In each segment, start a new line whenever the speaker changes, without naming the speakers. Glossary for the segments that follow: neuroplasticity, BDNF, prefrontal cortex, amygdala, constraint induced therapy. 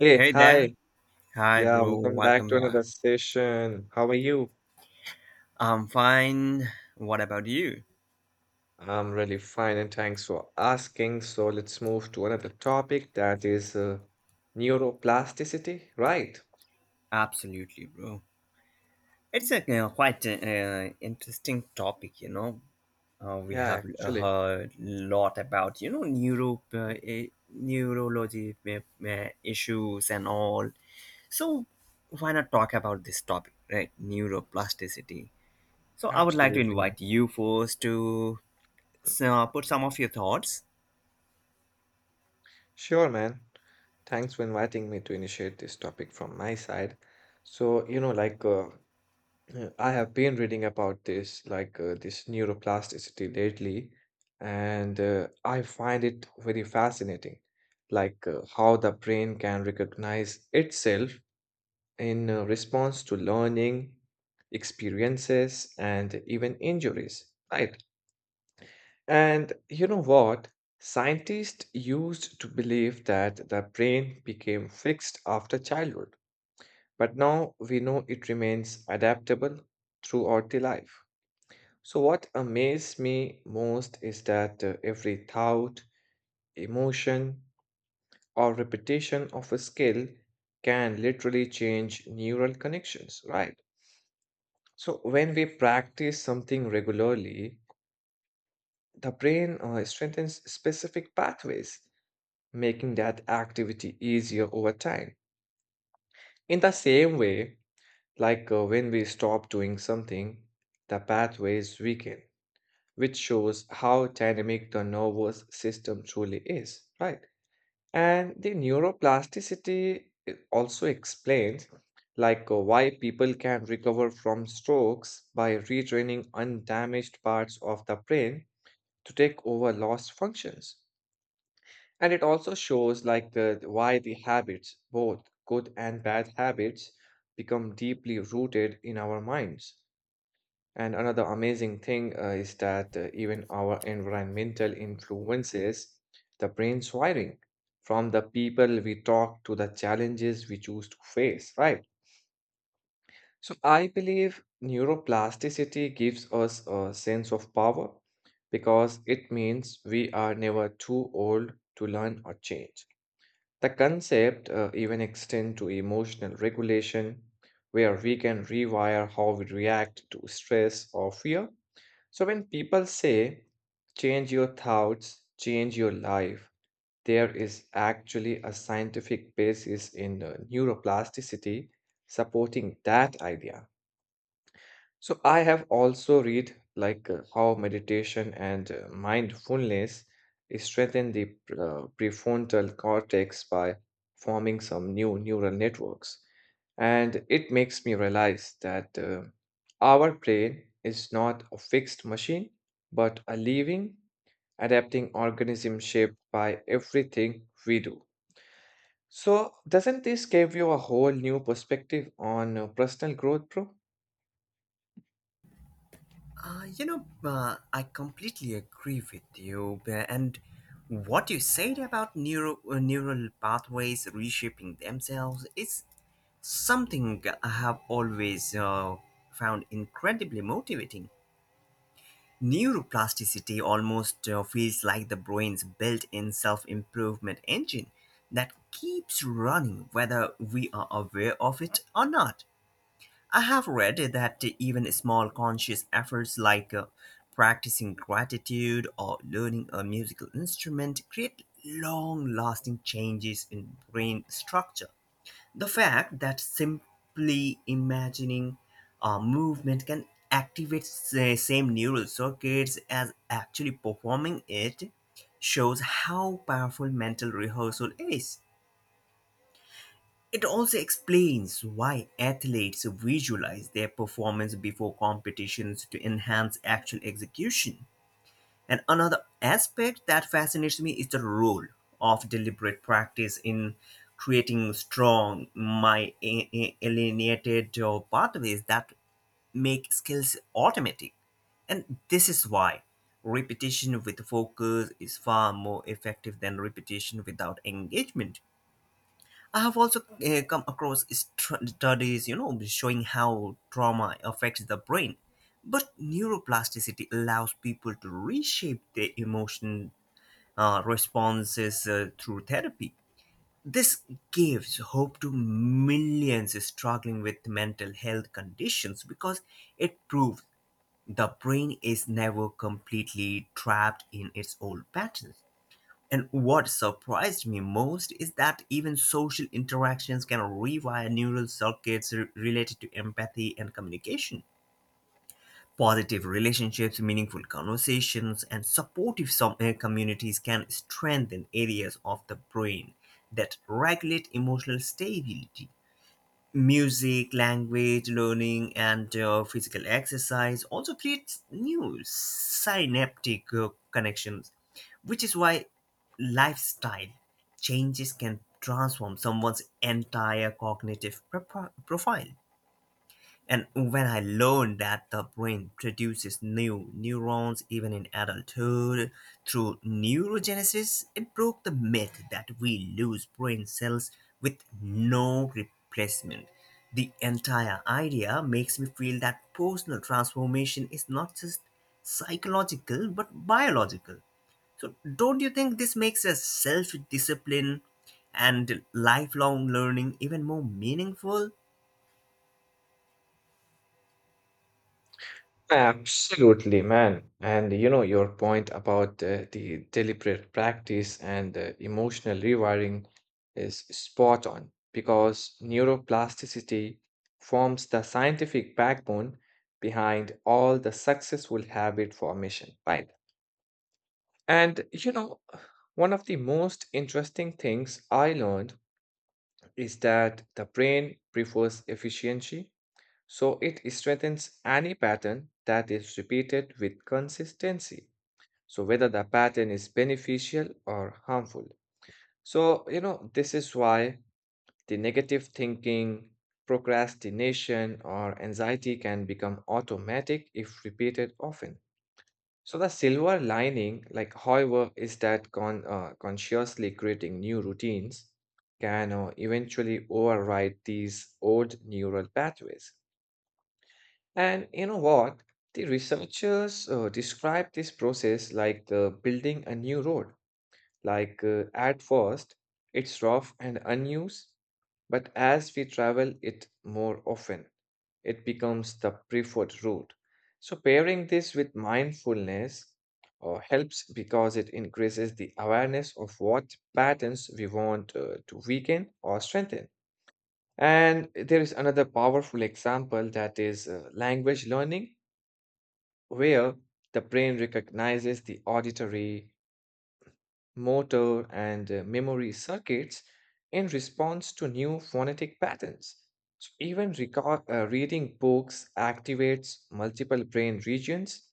Hey,
Hey there.
hi.
Hi,
Yeah,
bro.
welcome back
Welcome
to another
back.
session. How are you?
I'm fine. What about you?
I'm really fine and thanks for asking. So let's move to another topic that is neuroplasticity, right?
Absolutely, bro. It's a quite interesting topic, you know. We
Yeah,
have
actually.
heard lot about, you know, neurology issues and all. So, why not talk about this topic, right? Neuroplasticity. So, I would like to
Absolutely, man.
invite you first to put some of your thoughts.
Sure, man. Thanks for inviting me to initiate this topic from my side. So, you know, I have been reading about this, this neuroplasticity lately, and I find it very fascinating, how the brain can recognize itself in response to learning, experiences, and even injuries, right? And you know what? Scientists used to believe that the brain became fixed after childhood, but now we know it remains adaptable throughout the life. So, what amazed me most is that every thought, emotion, or repetition of a skill can literally change neural connections, right? So, when we practice something regularly, the brain strengthens specific pathways, making that activity easier over time. In the same way, when we stop doing something, the pathways weaken, which shows how dynamic the nervous system truly is, right? And the neuroplasticity it also explains like why people can recover from strokes by retraining undamaged parts of the brain to take over lost functions. And it also shows like the why the habits, both good and bad habits, become deeply rooted in our minds. And another amazing thing is that even our environmental influences the brain's wiring, from the people we talk to the challenges we choose to face, right? So I believe neuroplasticity gives us a sense of power because it means we are never too old to learn or change. The concept even extends to emotional regulation, where we can rewire how we react to stress or fear. So when people say, change your thoughts, change your life, there is actually a scientific basis in neuroplasticity supporting that idea. So I have also read how meditation and mindfulness strengthen the prefrontal cortex by forming some new neural networks. And it makes me realize that our brain is not a fixed machine, but a living, adapting organism shaped by everything we do. So doesn't this give you a whole new perspective on personal growth, bro?
I completely agree with you. And what you said about neural pathways reshaping themselves is something I have always found incredibly motivating. Neuroplasticity almost feels like the brain's built in self improvement engine that keeps running whether we are aware of it or not. I have read that even small conscious efforts like practicing gratitude or learning a musical instrument create long lasting changes in brain structure. The fact that simply imagining a movement can activate the same neural circuits as actually performing it shows how powerful mental rehearsal is. It also explains why athletes visualize their performance before competitions to enhance actual execution. And another aspect that fascinates me is the role of deliberate practice in creating strong, my alienated pathways that make skills automatic. And this is why repetition with focus is far more effective than repetition without engagement. I have also come across studies, you know, showing how trauma affects the brain. But neuroplasticity allows people to reshape their emotion responses through therapy. This gives hope to millions struggling with mental health conditions because it proves the brain is never completely trapped in its old patterns. And what surprised me most is that even social interactions can rewire neural circuits related to empathy and communication. Positive relationships, meaningful conversations, and supportive communities can strengthen areas of the brain that regulate emotional stability. Music, language learning, and physical exercise also creates new synaptic connections, which is why lifestyle changes can transform someone's entire cognitive profile. And when I learned that the brain produces new neurons even in adulthood through neurogenesis, it broke the myth that we lose brain cells with no replacement. The entire idea makes me feel that personal transformation is not just psychological but biological. So, don't you think this makes a self discipline and lifelong learning even more meaningful?
Absolutely, man. And you know, your point about the deliberate practice and emotional rewiring is spot on, because neuroplasticity forms the scientific backbone behind all the successful habit formation, right? And you know, one of the most interesting things I learned is that the brain prefers efficiency, so it strengthens any pattern that is repeated with consistency, so whether the pattern is beneficial or harmful. So, you know, this is why the negative thinking, procrastination, or anxiety can become automatic if repeated often. So the silver lining, like however, is that consciously creating new routines can eventually override these old neural pathways. And you know what? The researchers describe this process like the building a new road. At first, it's rough and unused, but as we travel it more often, it becomes the preferred route. So, pairing this with mindfulness helps because it increases the awareness of what patterns we want to weaken or strengthen. And there is another powerful example that is language learning, where the brain recognizes the auditory, motor, and memory circuits in response to new phonetic patterns. So even reading books activates multiple brain regions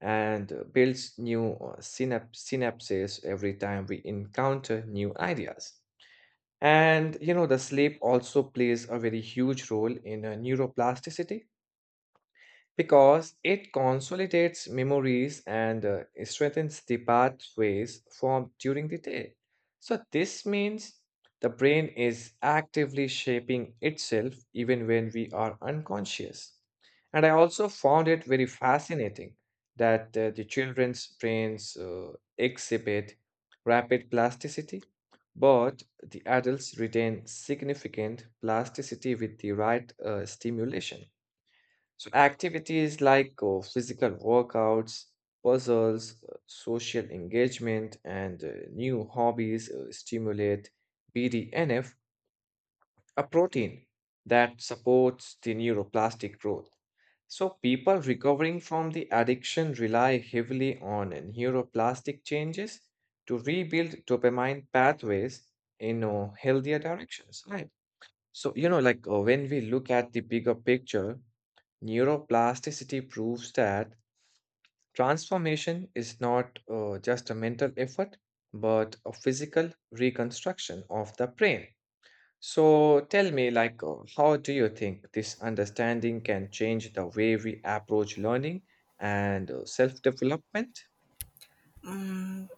and builds new synapses every time we encounter new ideas. And you know, the sleep also plays a very huge role in neuroplasticity because it consolidates memories and strengthens the pathways formed during the day. So, this means the brain is actively shaping itself even when we are unconscious. And I also found it very fascinating that the children's brains exhibit rapid plasticity, but the adults retain significant plasticity with the right stimulation. So activities like physical workouts, puzzles, social engagement, and new hobbies stimulate BDNF, a protein that supports the neuroplastic growth. So people recovering from the addiction rely heavily on neuroplastic changes to rebuild dopamine pathways in healthier directions, right? So, you know, when we look at the bigger picture, neuroplasticity proves that transformation is not just a mental effort, but a physical reconstruction of the brain. So tell me, like, how do you think this understanding can change the way we approach learning and self-development?
Mm,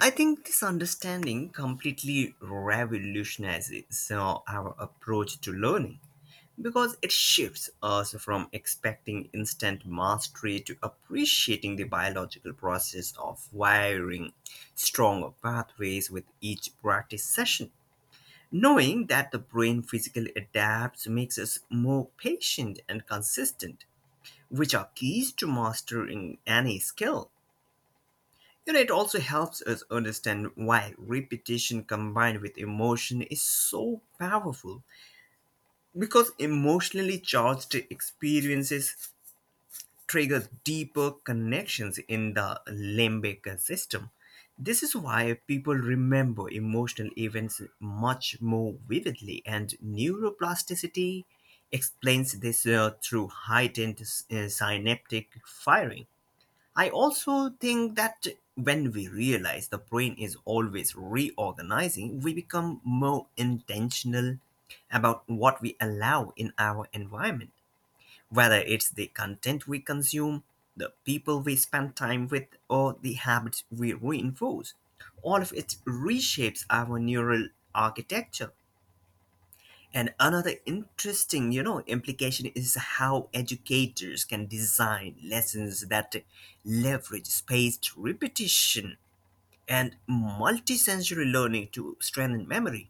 I think this understanding completely revolutionizes our approach to learning because it shifts us from expecting instant mastery to appreciating the biological process of wiring stronger pathways with each practice session. Knowing that the brain physically adapts makes us more patient and consistent, which are keys to mastering any skill. You know, it also helps us understand why repetition combined with emotion is so powerful. Because emotionally charged experiences trigger deeper connections in the limbic system. This is why people remember emotional events much more vividly, and neuroplasticity explains this through heightened synaptic firing. I also think that when we realize the brain is always reorganizing, we become more intentional about what we allow in our environment, whether it's the content we consume, the people we spend time with, or the habits we reinforce. All of it reshapes our neural architecture. And another interesting, you know, implication is how educators can design lessons that leverage spaced repetition and multisensory learning to strengthen memory.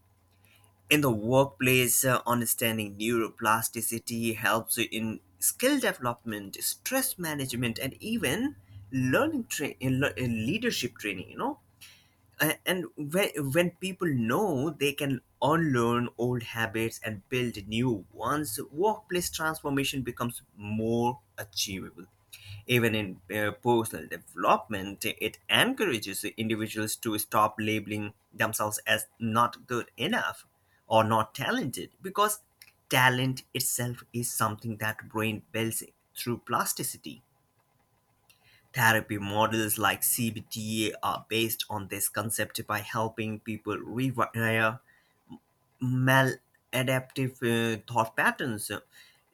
In the workplace, understanding neuroplasticity helps in skill development, stress management, and even learning tra- in le- in leadership training. You know, and when people know they can unlearn old habits and build new ones, workplace transformation becomes more achievable. Even in personal development, it encourages individuals to stop labeling themselves as not good enough or not talented, because talent itself is something that brain builds through plasticity. Therapy models like CBT are based on this concept by helping people rewire maladaptive thought patterns,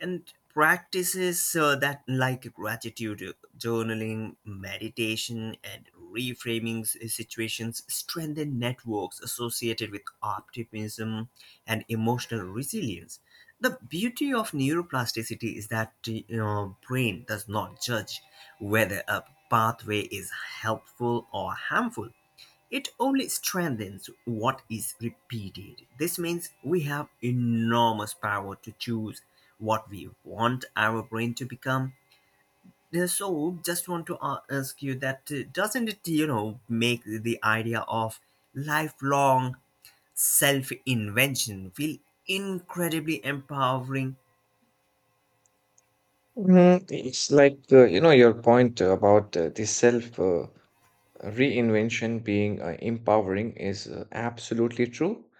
and practices that like gratitude, journaling, meditation, and reframing situations strengthen networks associated with optimism and emotional resilience. The beauty of neuroplasticity is that your brain does not judge whether a pathway is helpful or harmful. It only strengthens what is repeated. This means we have enormous power to choose what we want our brain to become. So, just want to ask you that doesn't it, you know, make the idea of lifelong self invention feel incredibly empowering?
Mm, it's like, you know, your point about the self, reinvention being empowering is absolutely true.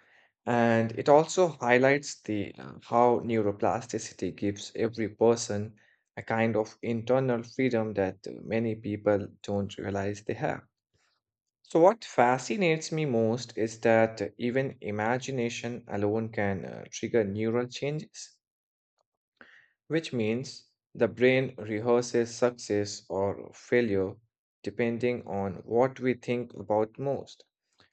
And it also highlights the how neuroplasticity gives every person a kind of internal freedom that many people don't realize they have. So what fascinates me most is that even imagination alone can trigger neural changes, which means the brain rehearses success or failure depending on what we think about most.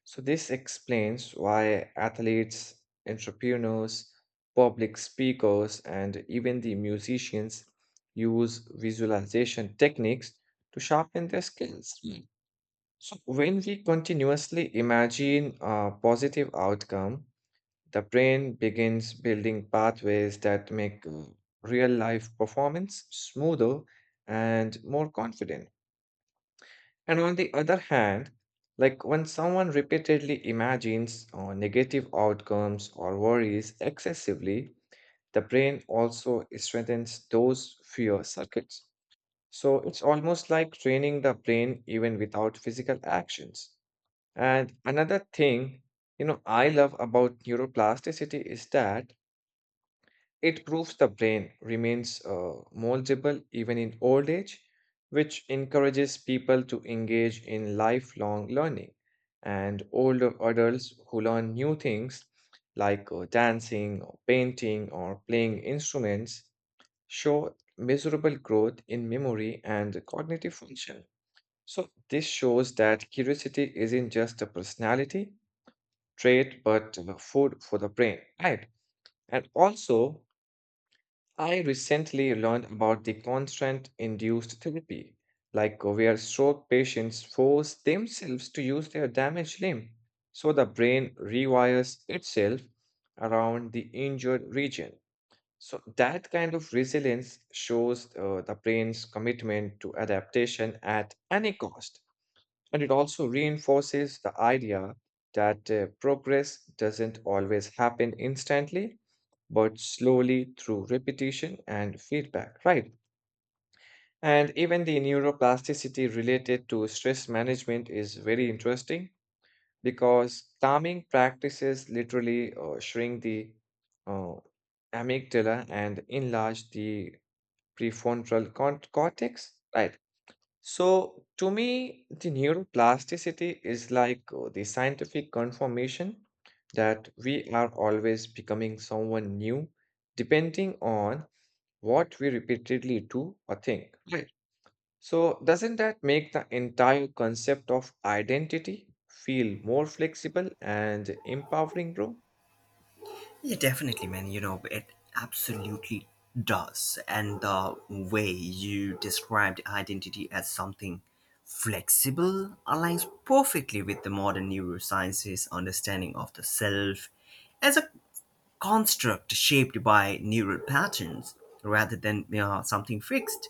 So, this explains why athletes, entrepreneurs, public speakers, and even the musicians use visualization techniques to sharpen their skills. Mm. So, when we continuously imagine a positive outcome, the brain begins building pathways that make real life performance smoother and more confident. And on the other hand, when someone repeatedly imagines negative outcomes or worries excessively, the brain also strengthens those fear circuits. So it's almost like training the brain even without physical actions. And another thing, you know, I love about neuroplasticity is that it proves the brain remains moldable even in old age, which encourages people to engage in lifelong learning. And older adults who learn new things like dancing or painting or playing instruments show measurable growth in memory and cognitive function. So, this shows that curiosity isn't just a personality trait but food for the brain, right? And also, I recently learned about the constant induced therapy, like where stroke patients force themselves to use their damaged limb, so the brain rewires itself around the injured region. So that kind of resilience shows the brain's commitment to adaptation at any cost, and it also reinforces the idea that progress doesn't always happen instantly but slowly through repetition and feedback, right? And even the neuroplasticity related to stress management is very interesting because calming practices literally shrink the uh, amygdala and enlarge the cortex, right? So, to me, the neuroplasticity is like the scientific confirmation that we are always becoming someone new, depending on what we repeatedly do or think. Right. So, doesn't that make the entire concept of identity feel more flexible and empowering, bro?
Yeah, definitely, man. You know, it absolutely does. And the way you described identity as something flexible aligns perfectly with the modern neurosciences understanding of the self as a construct shaped by neural patterns rather than, you know, something fixed.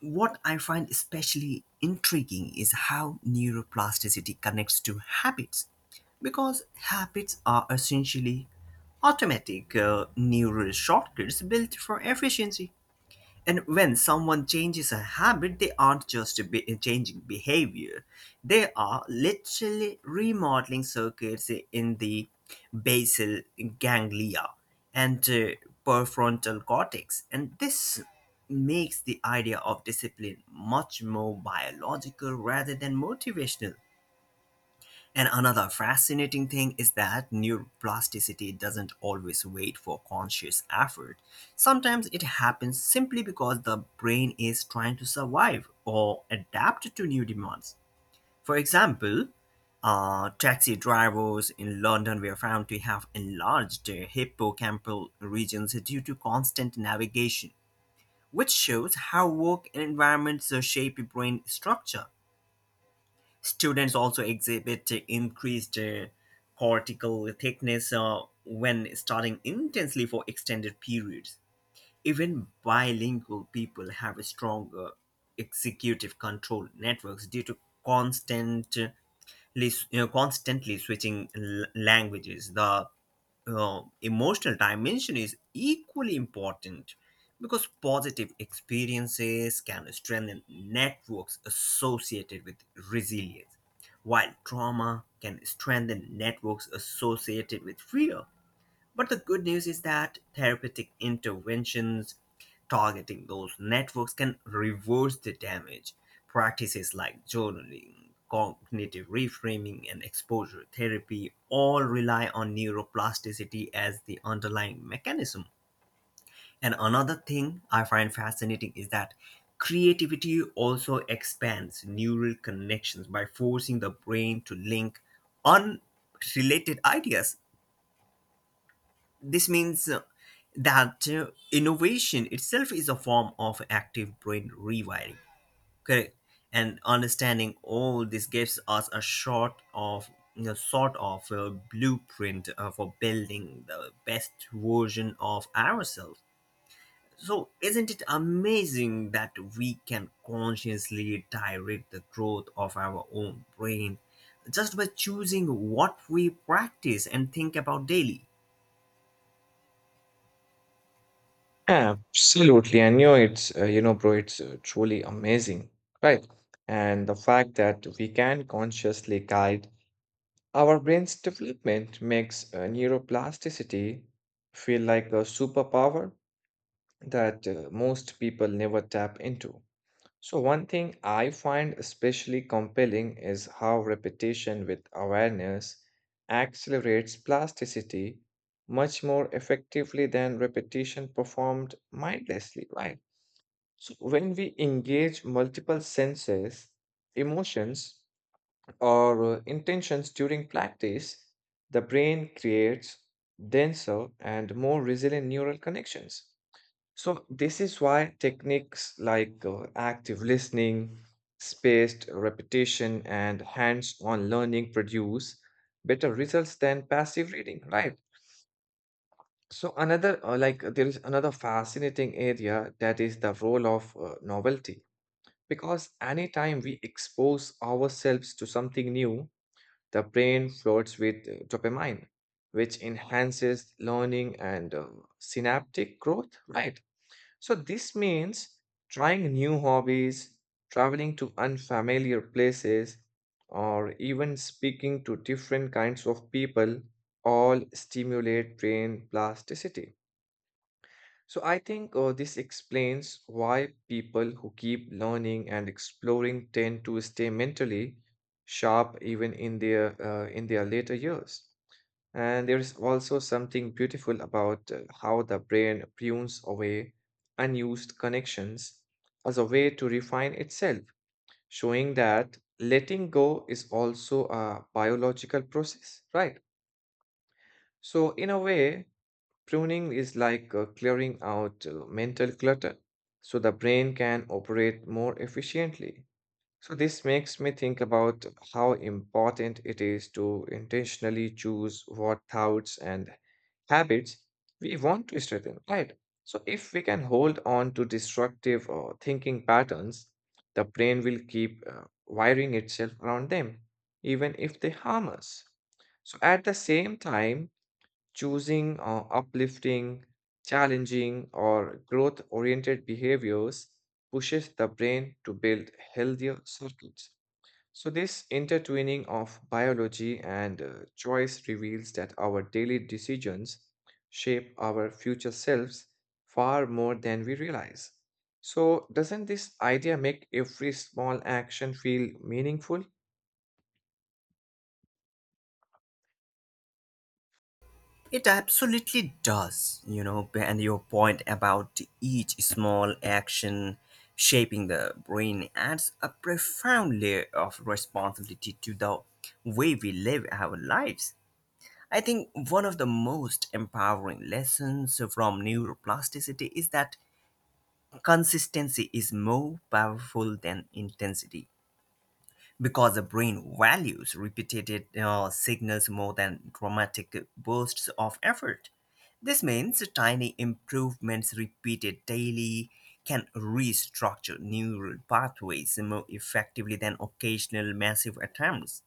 What I find especially intriguing is how neuroplasticity connects to habits, because habits are essentially automatic neural shortcuts built for efficiency. And when someone changes a habit, they aren't just changing behavior, they are literally remodeling circuits in the basal ganglia and prefrontal cortex. And this makes the idea of discipline much more biological rather than motivational. And another fascinating thing is that neuroplasticity doesn't always wait for conscious effort. Sometimes it happens simply because the brain is trying to survive or adapt to new demands. For example, taxi drivers in London were found to have enlarged their hippocampal regions due to constant navigation, which shows how work environments shape brain structure. Students also exhibit increased cortical thickness when studying intensely for extended periods. Even bilingual people have a stronger executive control networks due to constant constantly switching languages. The emotional dimension is equally important because positive experiences can strengthen networks associated with resilience, while trauma can strengthen networks associated with fear. But the good news is that therapeutic interventions targeting those networks can reverse the damage. Practices like journaling, cognitive reframing, and exposure therapy all rely on neuroplasticity as the underlying mechanism. And another thing I find fascinating is that creativity also expands neural connections by forcing the brain to link unrelated ideas. This means that innovation itself is a form of active brain rewiring. Correct. And understanding all this gives us a short of, you know, sort of a blueprint for building the best version of ourselves. So, isn't it amazing that we can consciously direct the growth of our own brain just by choosing what we practice and think about daily?
Absolutely. I know it's, you know, bro, it's truly amazing, right? And the fact that we can consciously guide our brain's development makes neuroplasticity feel like a superpower that most people never tap into. So, one thing I find especially compelling is how repetition with awareness accelerates plasticity much more effectively than repetition performed mindlessly, right? So, when we engage multiple senses, emotions, or intentions during practice, the brain creates denser and more resilient neural connections. So, this is why techniques like active listening, spaced repetition, and hands on learning produce better results than passive reading, right? So, there is another fascinating area that is the role of novelty, because anytime we expose ourselves to something new, the brain floods with dopamine, which enhances learning and synaptic growth, right? So this means trying new hobbies, traveling to unfamiliar places, or even speaking to different kinds of people all stimulate brain plasticity. So I think this explains why people who keep learning and exploring tend to stay mentally sharp even in their in their later years. And there is also something beautiful about how the brain prunes away unused connections as a way to refine itself, showing that letting go is also a biological process, right? So, in a way, pruning is like clearing out mental clutter so the brain can operate more efficiently. So, this makes me think about how important it is to intentionally choose what thoughts and habits we want to strengthen, right? So, if we can hold on to destructive or thinking patterns, the brain will keep wiring itself around them, even if they harm us. So, at the same time, choosing uplifting, challenging, or growth oriented behaviors pushes the brain to build healthier circuits. So, this intertwining of biology and choice reveals that our daily decisions shape our future selves far more than we realize. So, doesn't this idea make every small action feel meaningful?
It absolutely does, you know, and your point about each small action shaping the brain adds a profound layer of responsibility to the way we live our lives. I think one of the most empowering lessons from neuroplasticity is that consistency is more powerful than intensity, because the brain values repeated signals more than dramatic bursts of effort. This means tiny improvements repeated daily can restructure neural pathways more effectively than occasional massive attempts.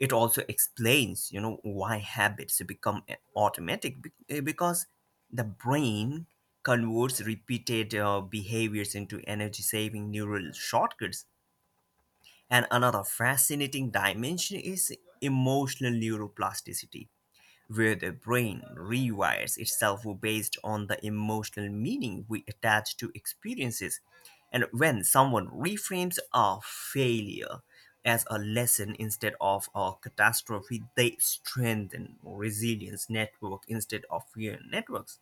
It also explains, you know, why habits become automatic, because the brain converts repeated behaviors into energy-saving neural shortcuts. And another fascinating dimension is emotional neuroplasticity, where the brain rewires itself based on the emotional meaning we attach to experiences. And when someone reframes a failure as a lesson instead of a catastrophe, they strengthen resilience network instead of fear networks.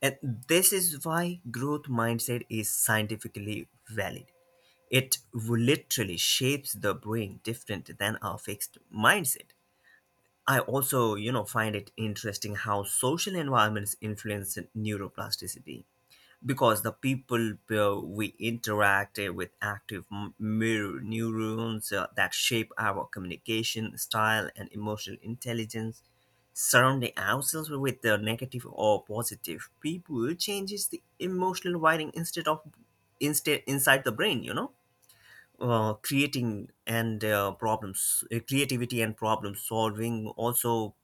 And this is why growth mindset is scientifically valid. It literally shapes the brain different than our fixed mindset. I also, you know, find it interesting how social environments influence neuroplasticity, because the people we interact with active mirror neurons that shape our communication style and emotional intelligence. Surrounding ourselves with the negative or positive people changes the emotional wiring instead inside the brain, you know. Creating and problems, creativity and problem solving also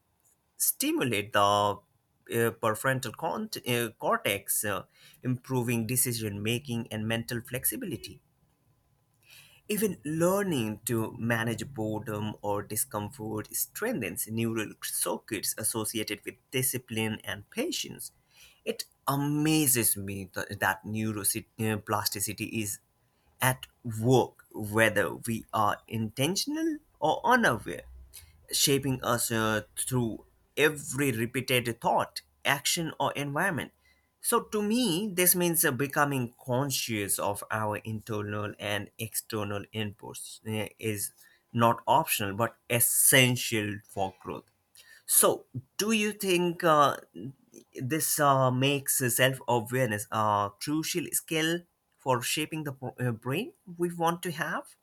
stimulate the prefrontal cortex, improving decision making and mental flexibility. Even learning to manage boredom or discomfort strengthens neural circuits associated with discipline and patience. It amazes me that neuroplasticity is at work, whether we are intentional or unaware, shaping us through every repeated thought, action, or environment. So, to me, this means becoming conscious of our internal and external inputs is not optional but essential for growth. So, do you think this makes self awareness a crucial skill for shaping the brain we want to have?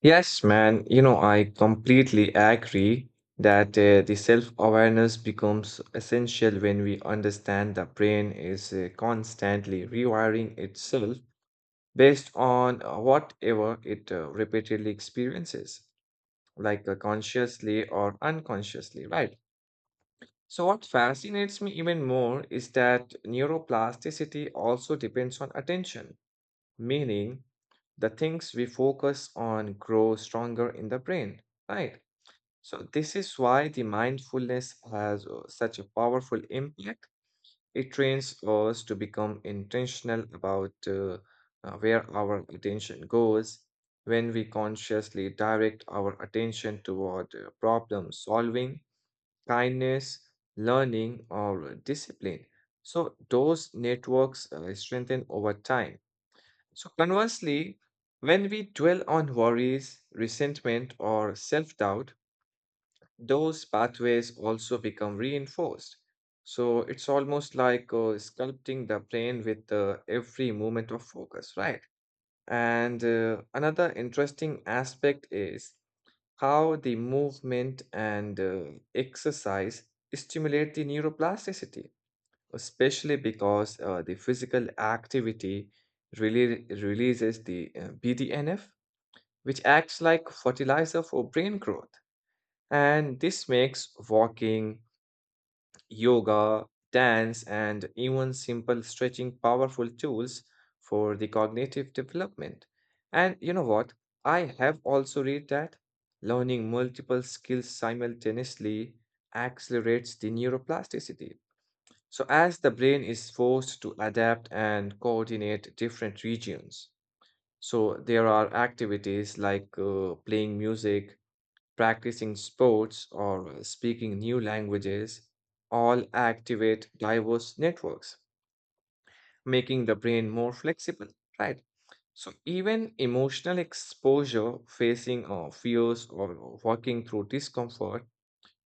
Yes, man. You know, I completely agree that the self-awareness becomes essential when we understand the brain is constantly rewiring itself based on whatever it repeatedly experiences, like consciously or unconsciously, right? So, what fascinates me even more is that neuroplasticity also depends on attention, meaning the things we focus on grow stronger in the brain, right? So, this is why the mindfulness has such a powerful impact. It trains us to become intentional about where our attention goes. When we consciously direct our attention toward problem solving, kindness, learning, or discipline, so those networks strengthen over time. So, conversely, when we dwell on worries, resentment, or self doubt, those pathways also become reinforced. So, it's almost like sculpting the brain with every moment of focus, right? And another interesting aspect is how the movement and exercise stimulate the neuroplasticity, especially because the physical activity really releases the BDNF, which acts like fertilizer for brain growth. And this makes walking, yoga, dance, and even simple stretching powerful tools for the cognitive development. And you know what? I have also read that learning multiple skills simultaneously accelerates the neuroplasticity, so as the brain is forced to adapt and coordinate different regions, so there are activities like playing music, practicing sports, or speaking new languages, all activate diverse networks, making the brain more flexible, right? So, even emotional exposure, facing fears, or working through discomfort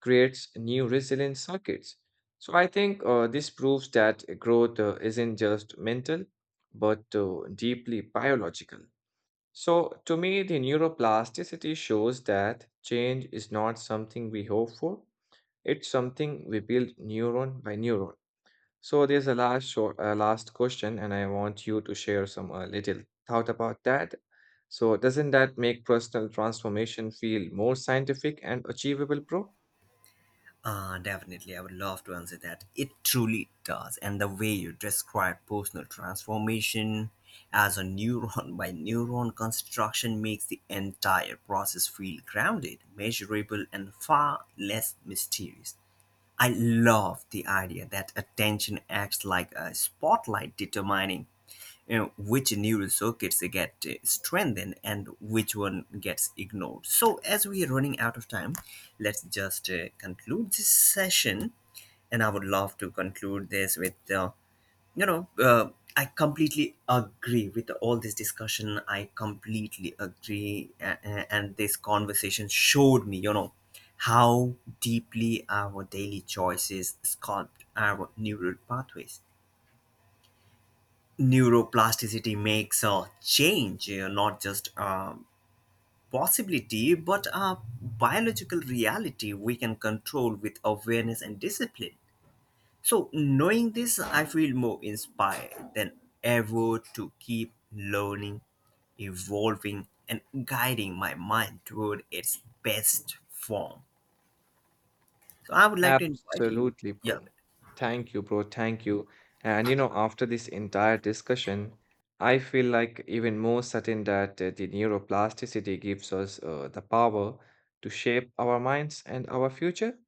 creates new resilient circuits. So I think this proves that growth isn't just mental, but deeply biological. So to me, the neuroplasticity shows that change is not something we hope for. It's something we build neuron by neuron. So there's a last question, and I want you to share some little thought about that. So doesn't that make personal transformation feel more scientific and achievable, bro?
Definitely, I would love to answer that. It truly does. And the way you describe personal transformation as a neuron by neuron construction makes the entire process feel grounded, measurable, and far less mysterious. I love the idea that attention acts like a spotlight determining, you know, which neural circuits get strengthened and which one gets ignored. So, as we are running out of time, let's just conclude this session. And I would love to conclude this with, you know, uh, I completely agree with all this discussion. I completely agree. And this conversation showed me, you know, how deeply our daily choices sculpt our neural pathways. Neuroplasticity makes a change you not just a possibility but a biological reality we can control with awareness and discipline. So knowing this, I feel more inspired than ever to keep learning, evolving, and guiding my mind toward its best form. So I would like to invite you.
Absolutely,
Yeah,
bro. Thank you, bro. Thank you. And you know, after this entire discussion, I feel like even more certain that the neuroplasticity gives us the power to shape our minds and our future.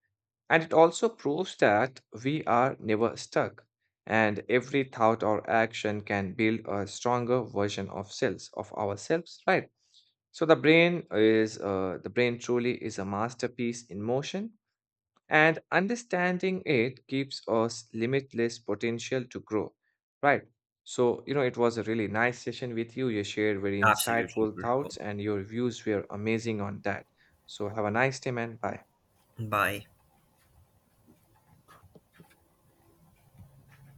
And it also proves that we are never stuck, and every thought or action can build a stronger version of selves, of ourselves, right? So the brain is the brain truly is a masterpiece in motion, and understanding it gives us limitless potential to grow. Right. So, you know, it was a really nice session with you. You shared very
absolutely,
insightful thoughts,
bro.
and your views were amazing on that. So, have a nice day, man. Bye.
Bye.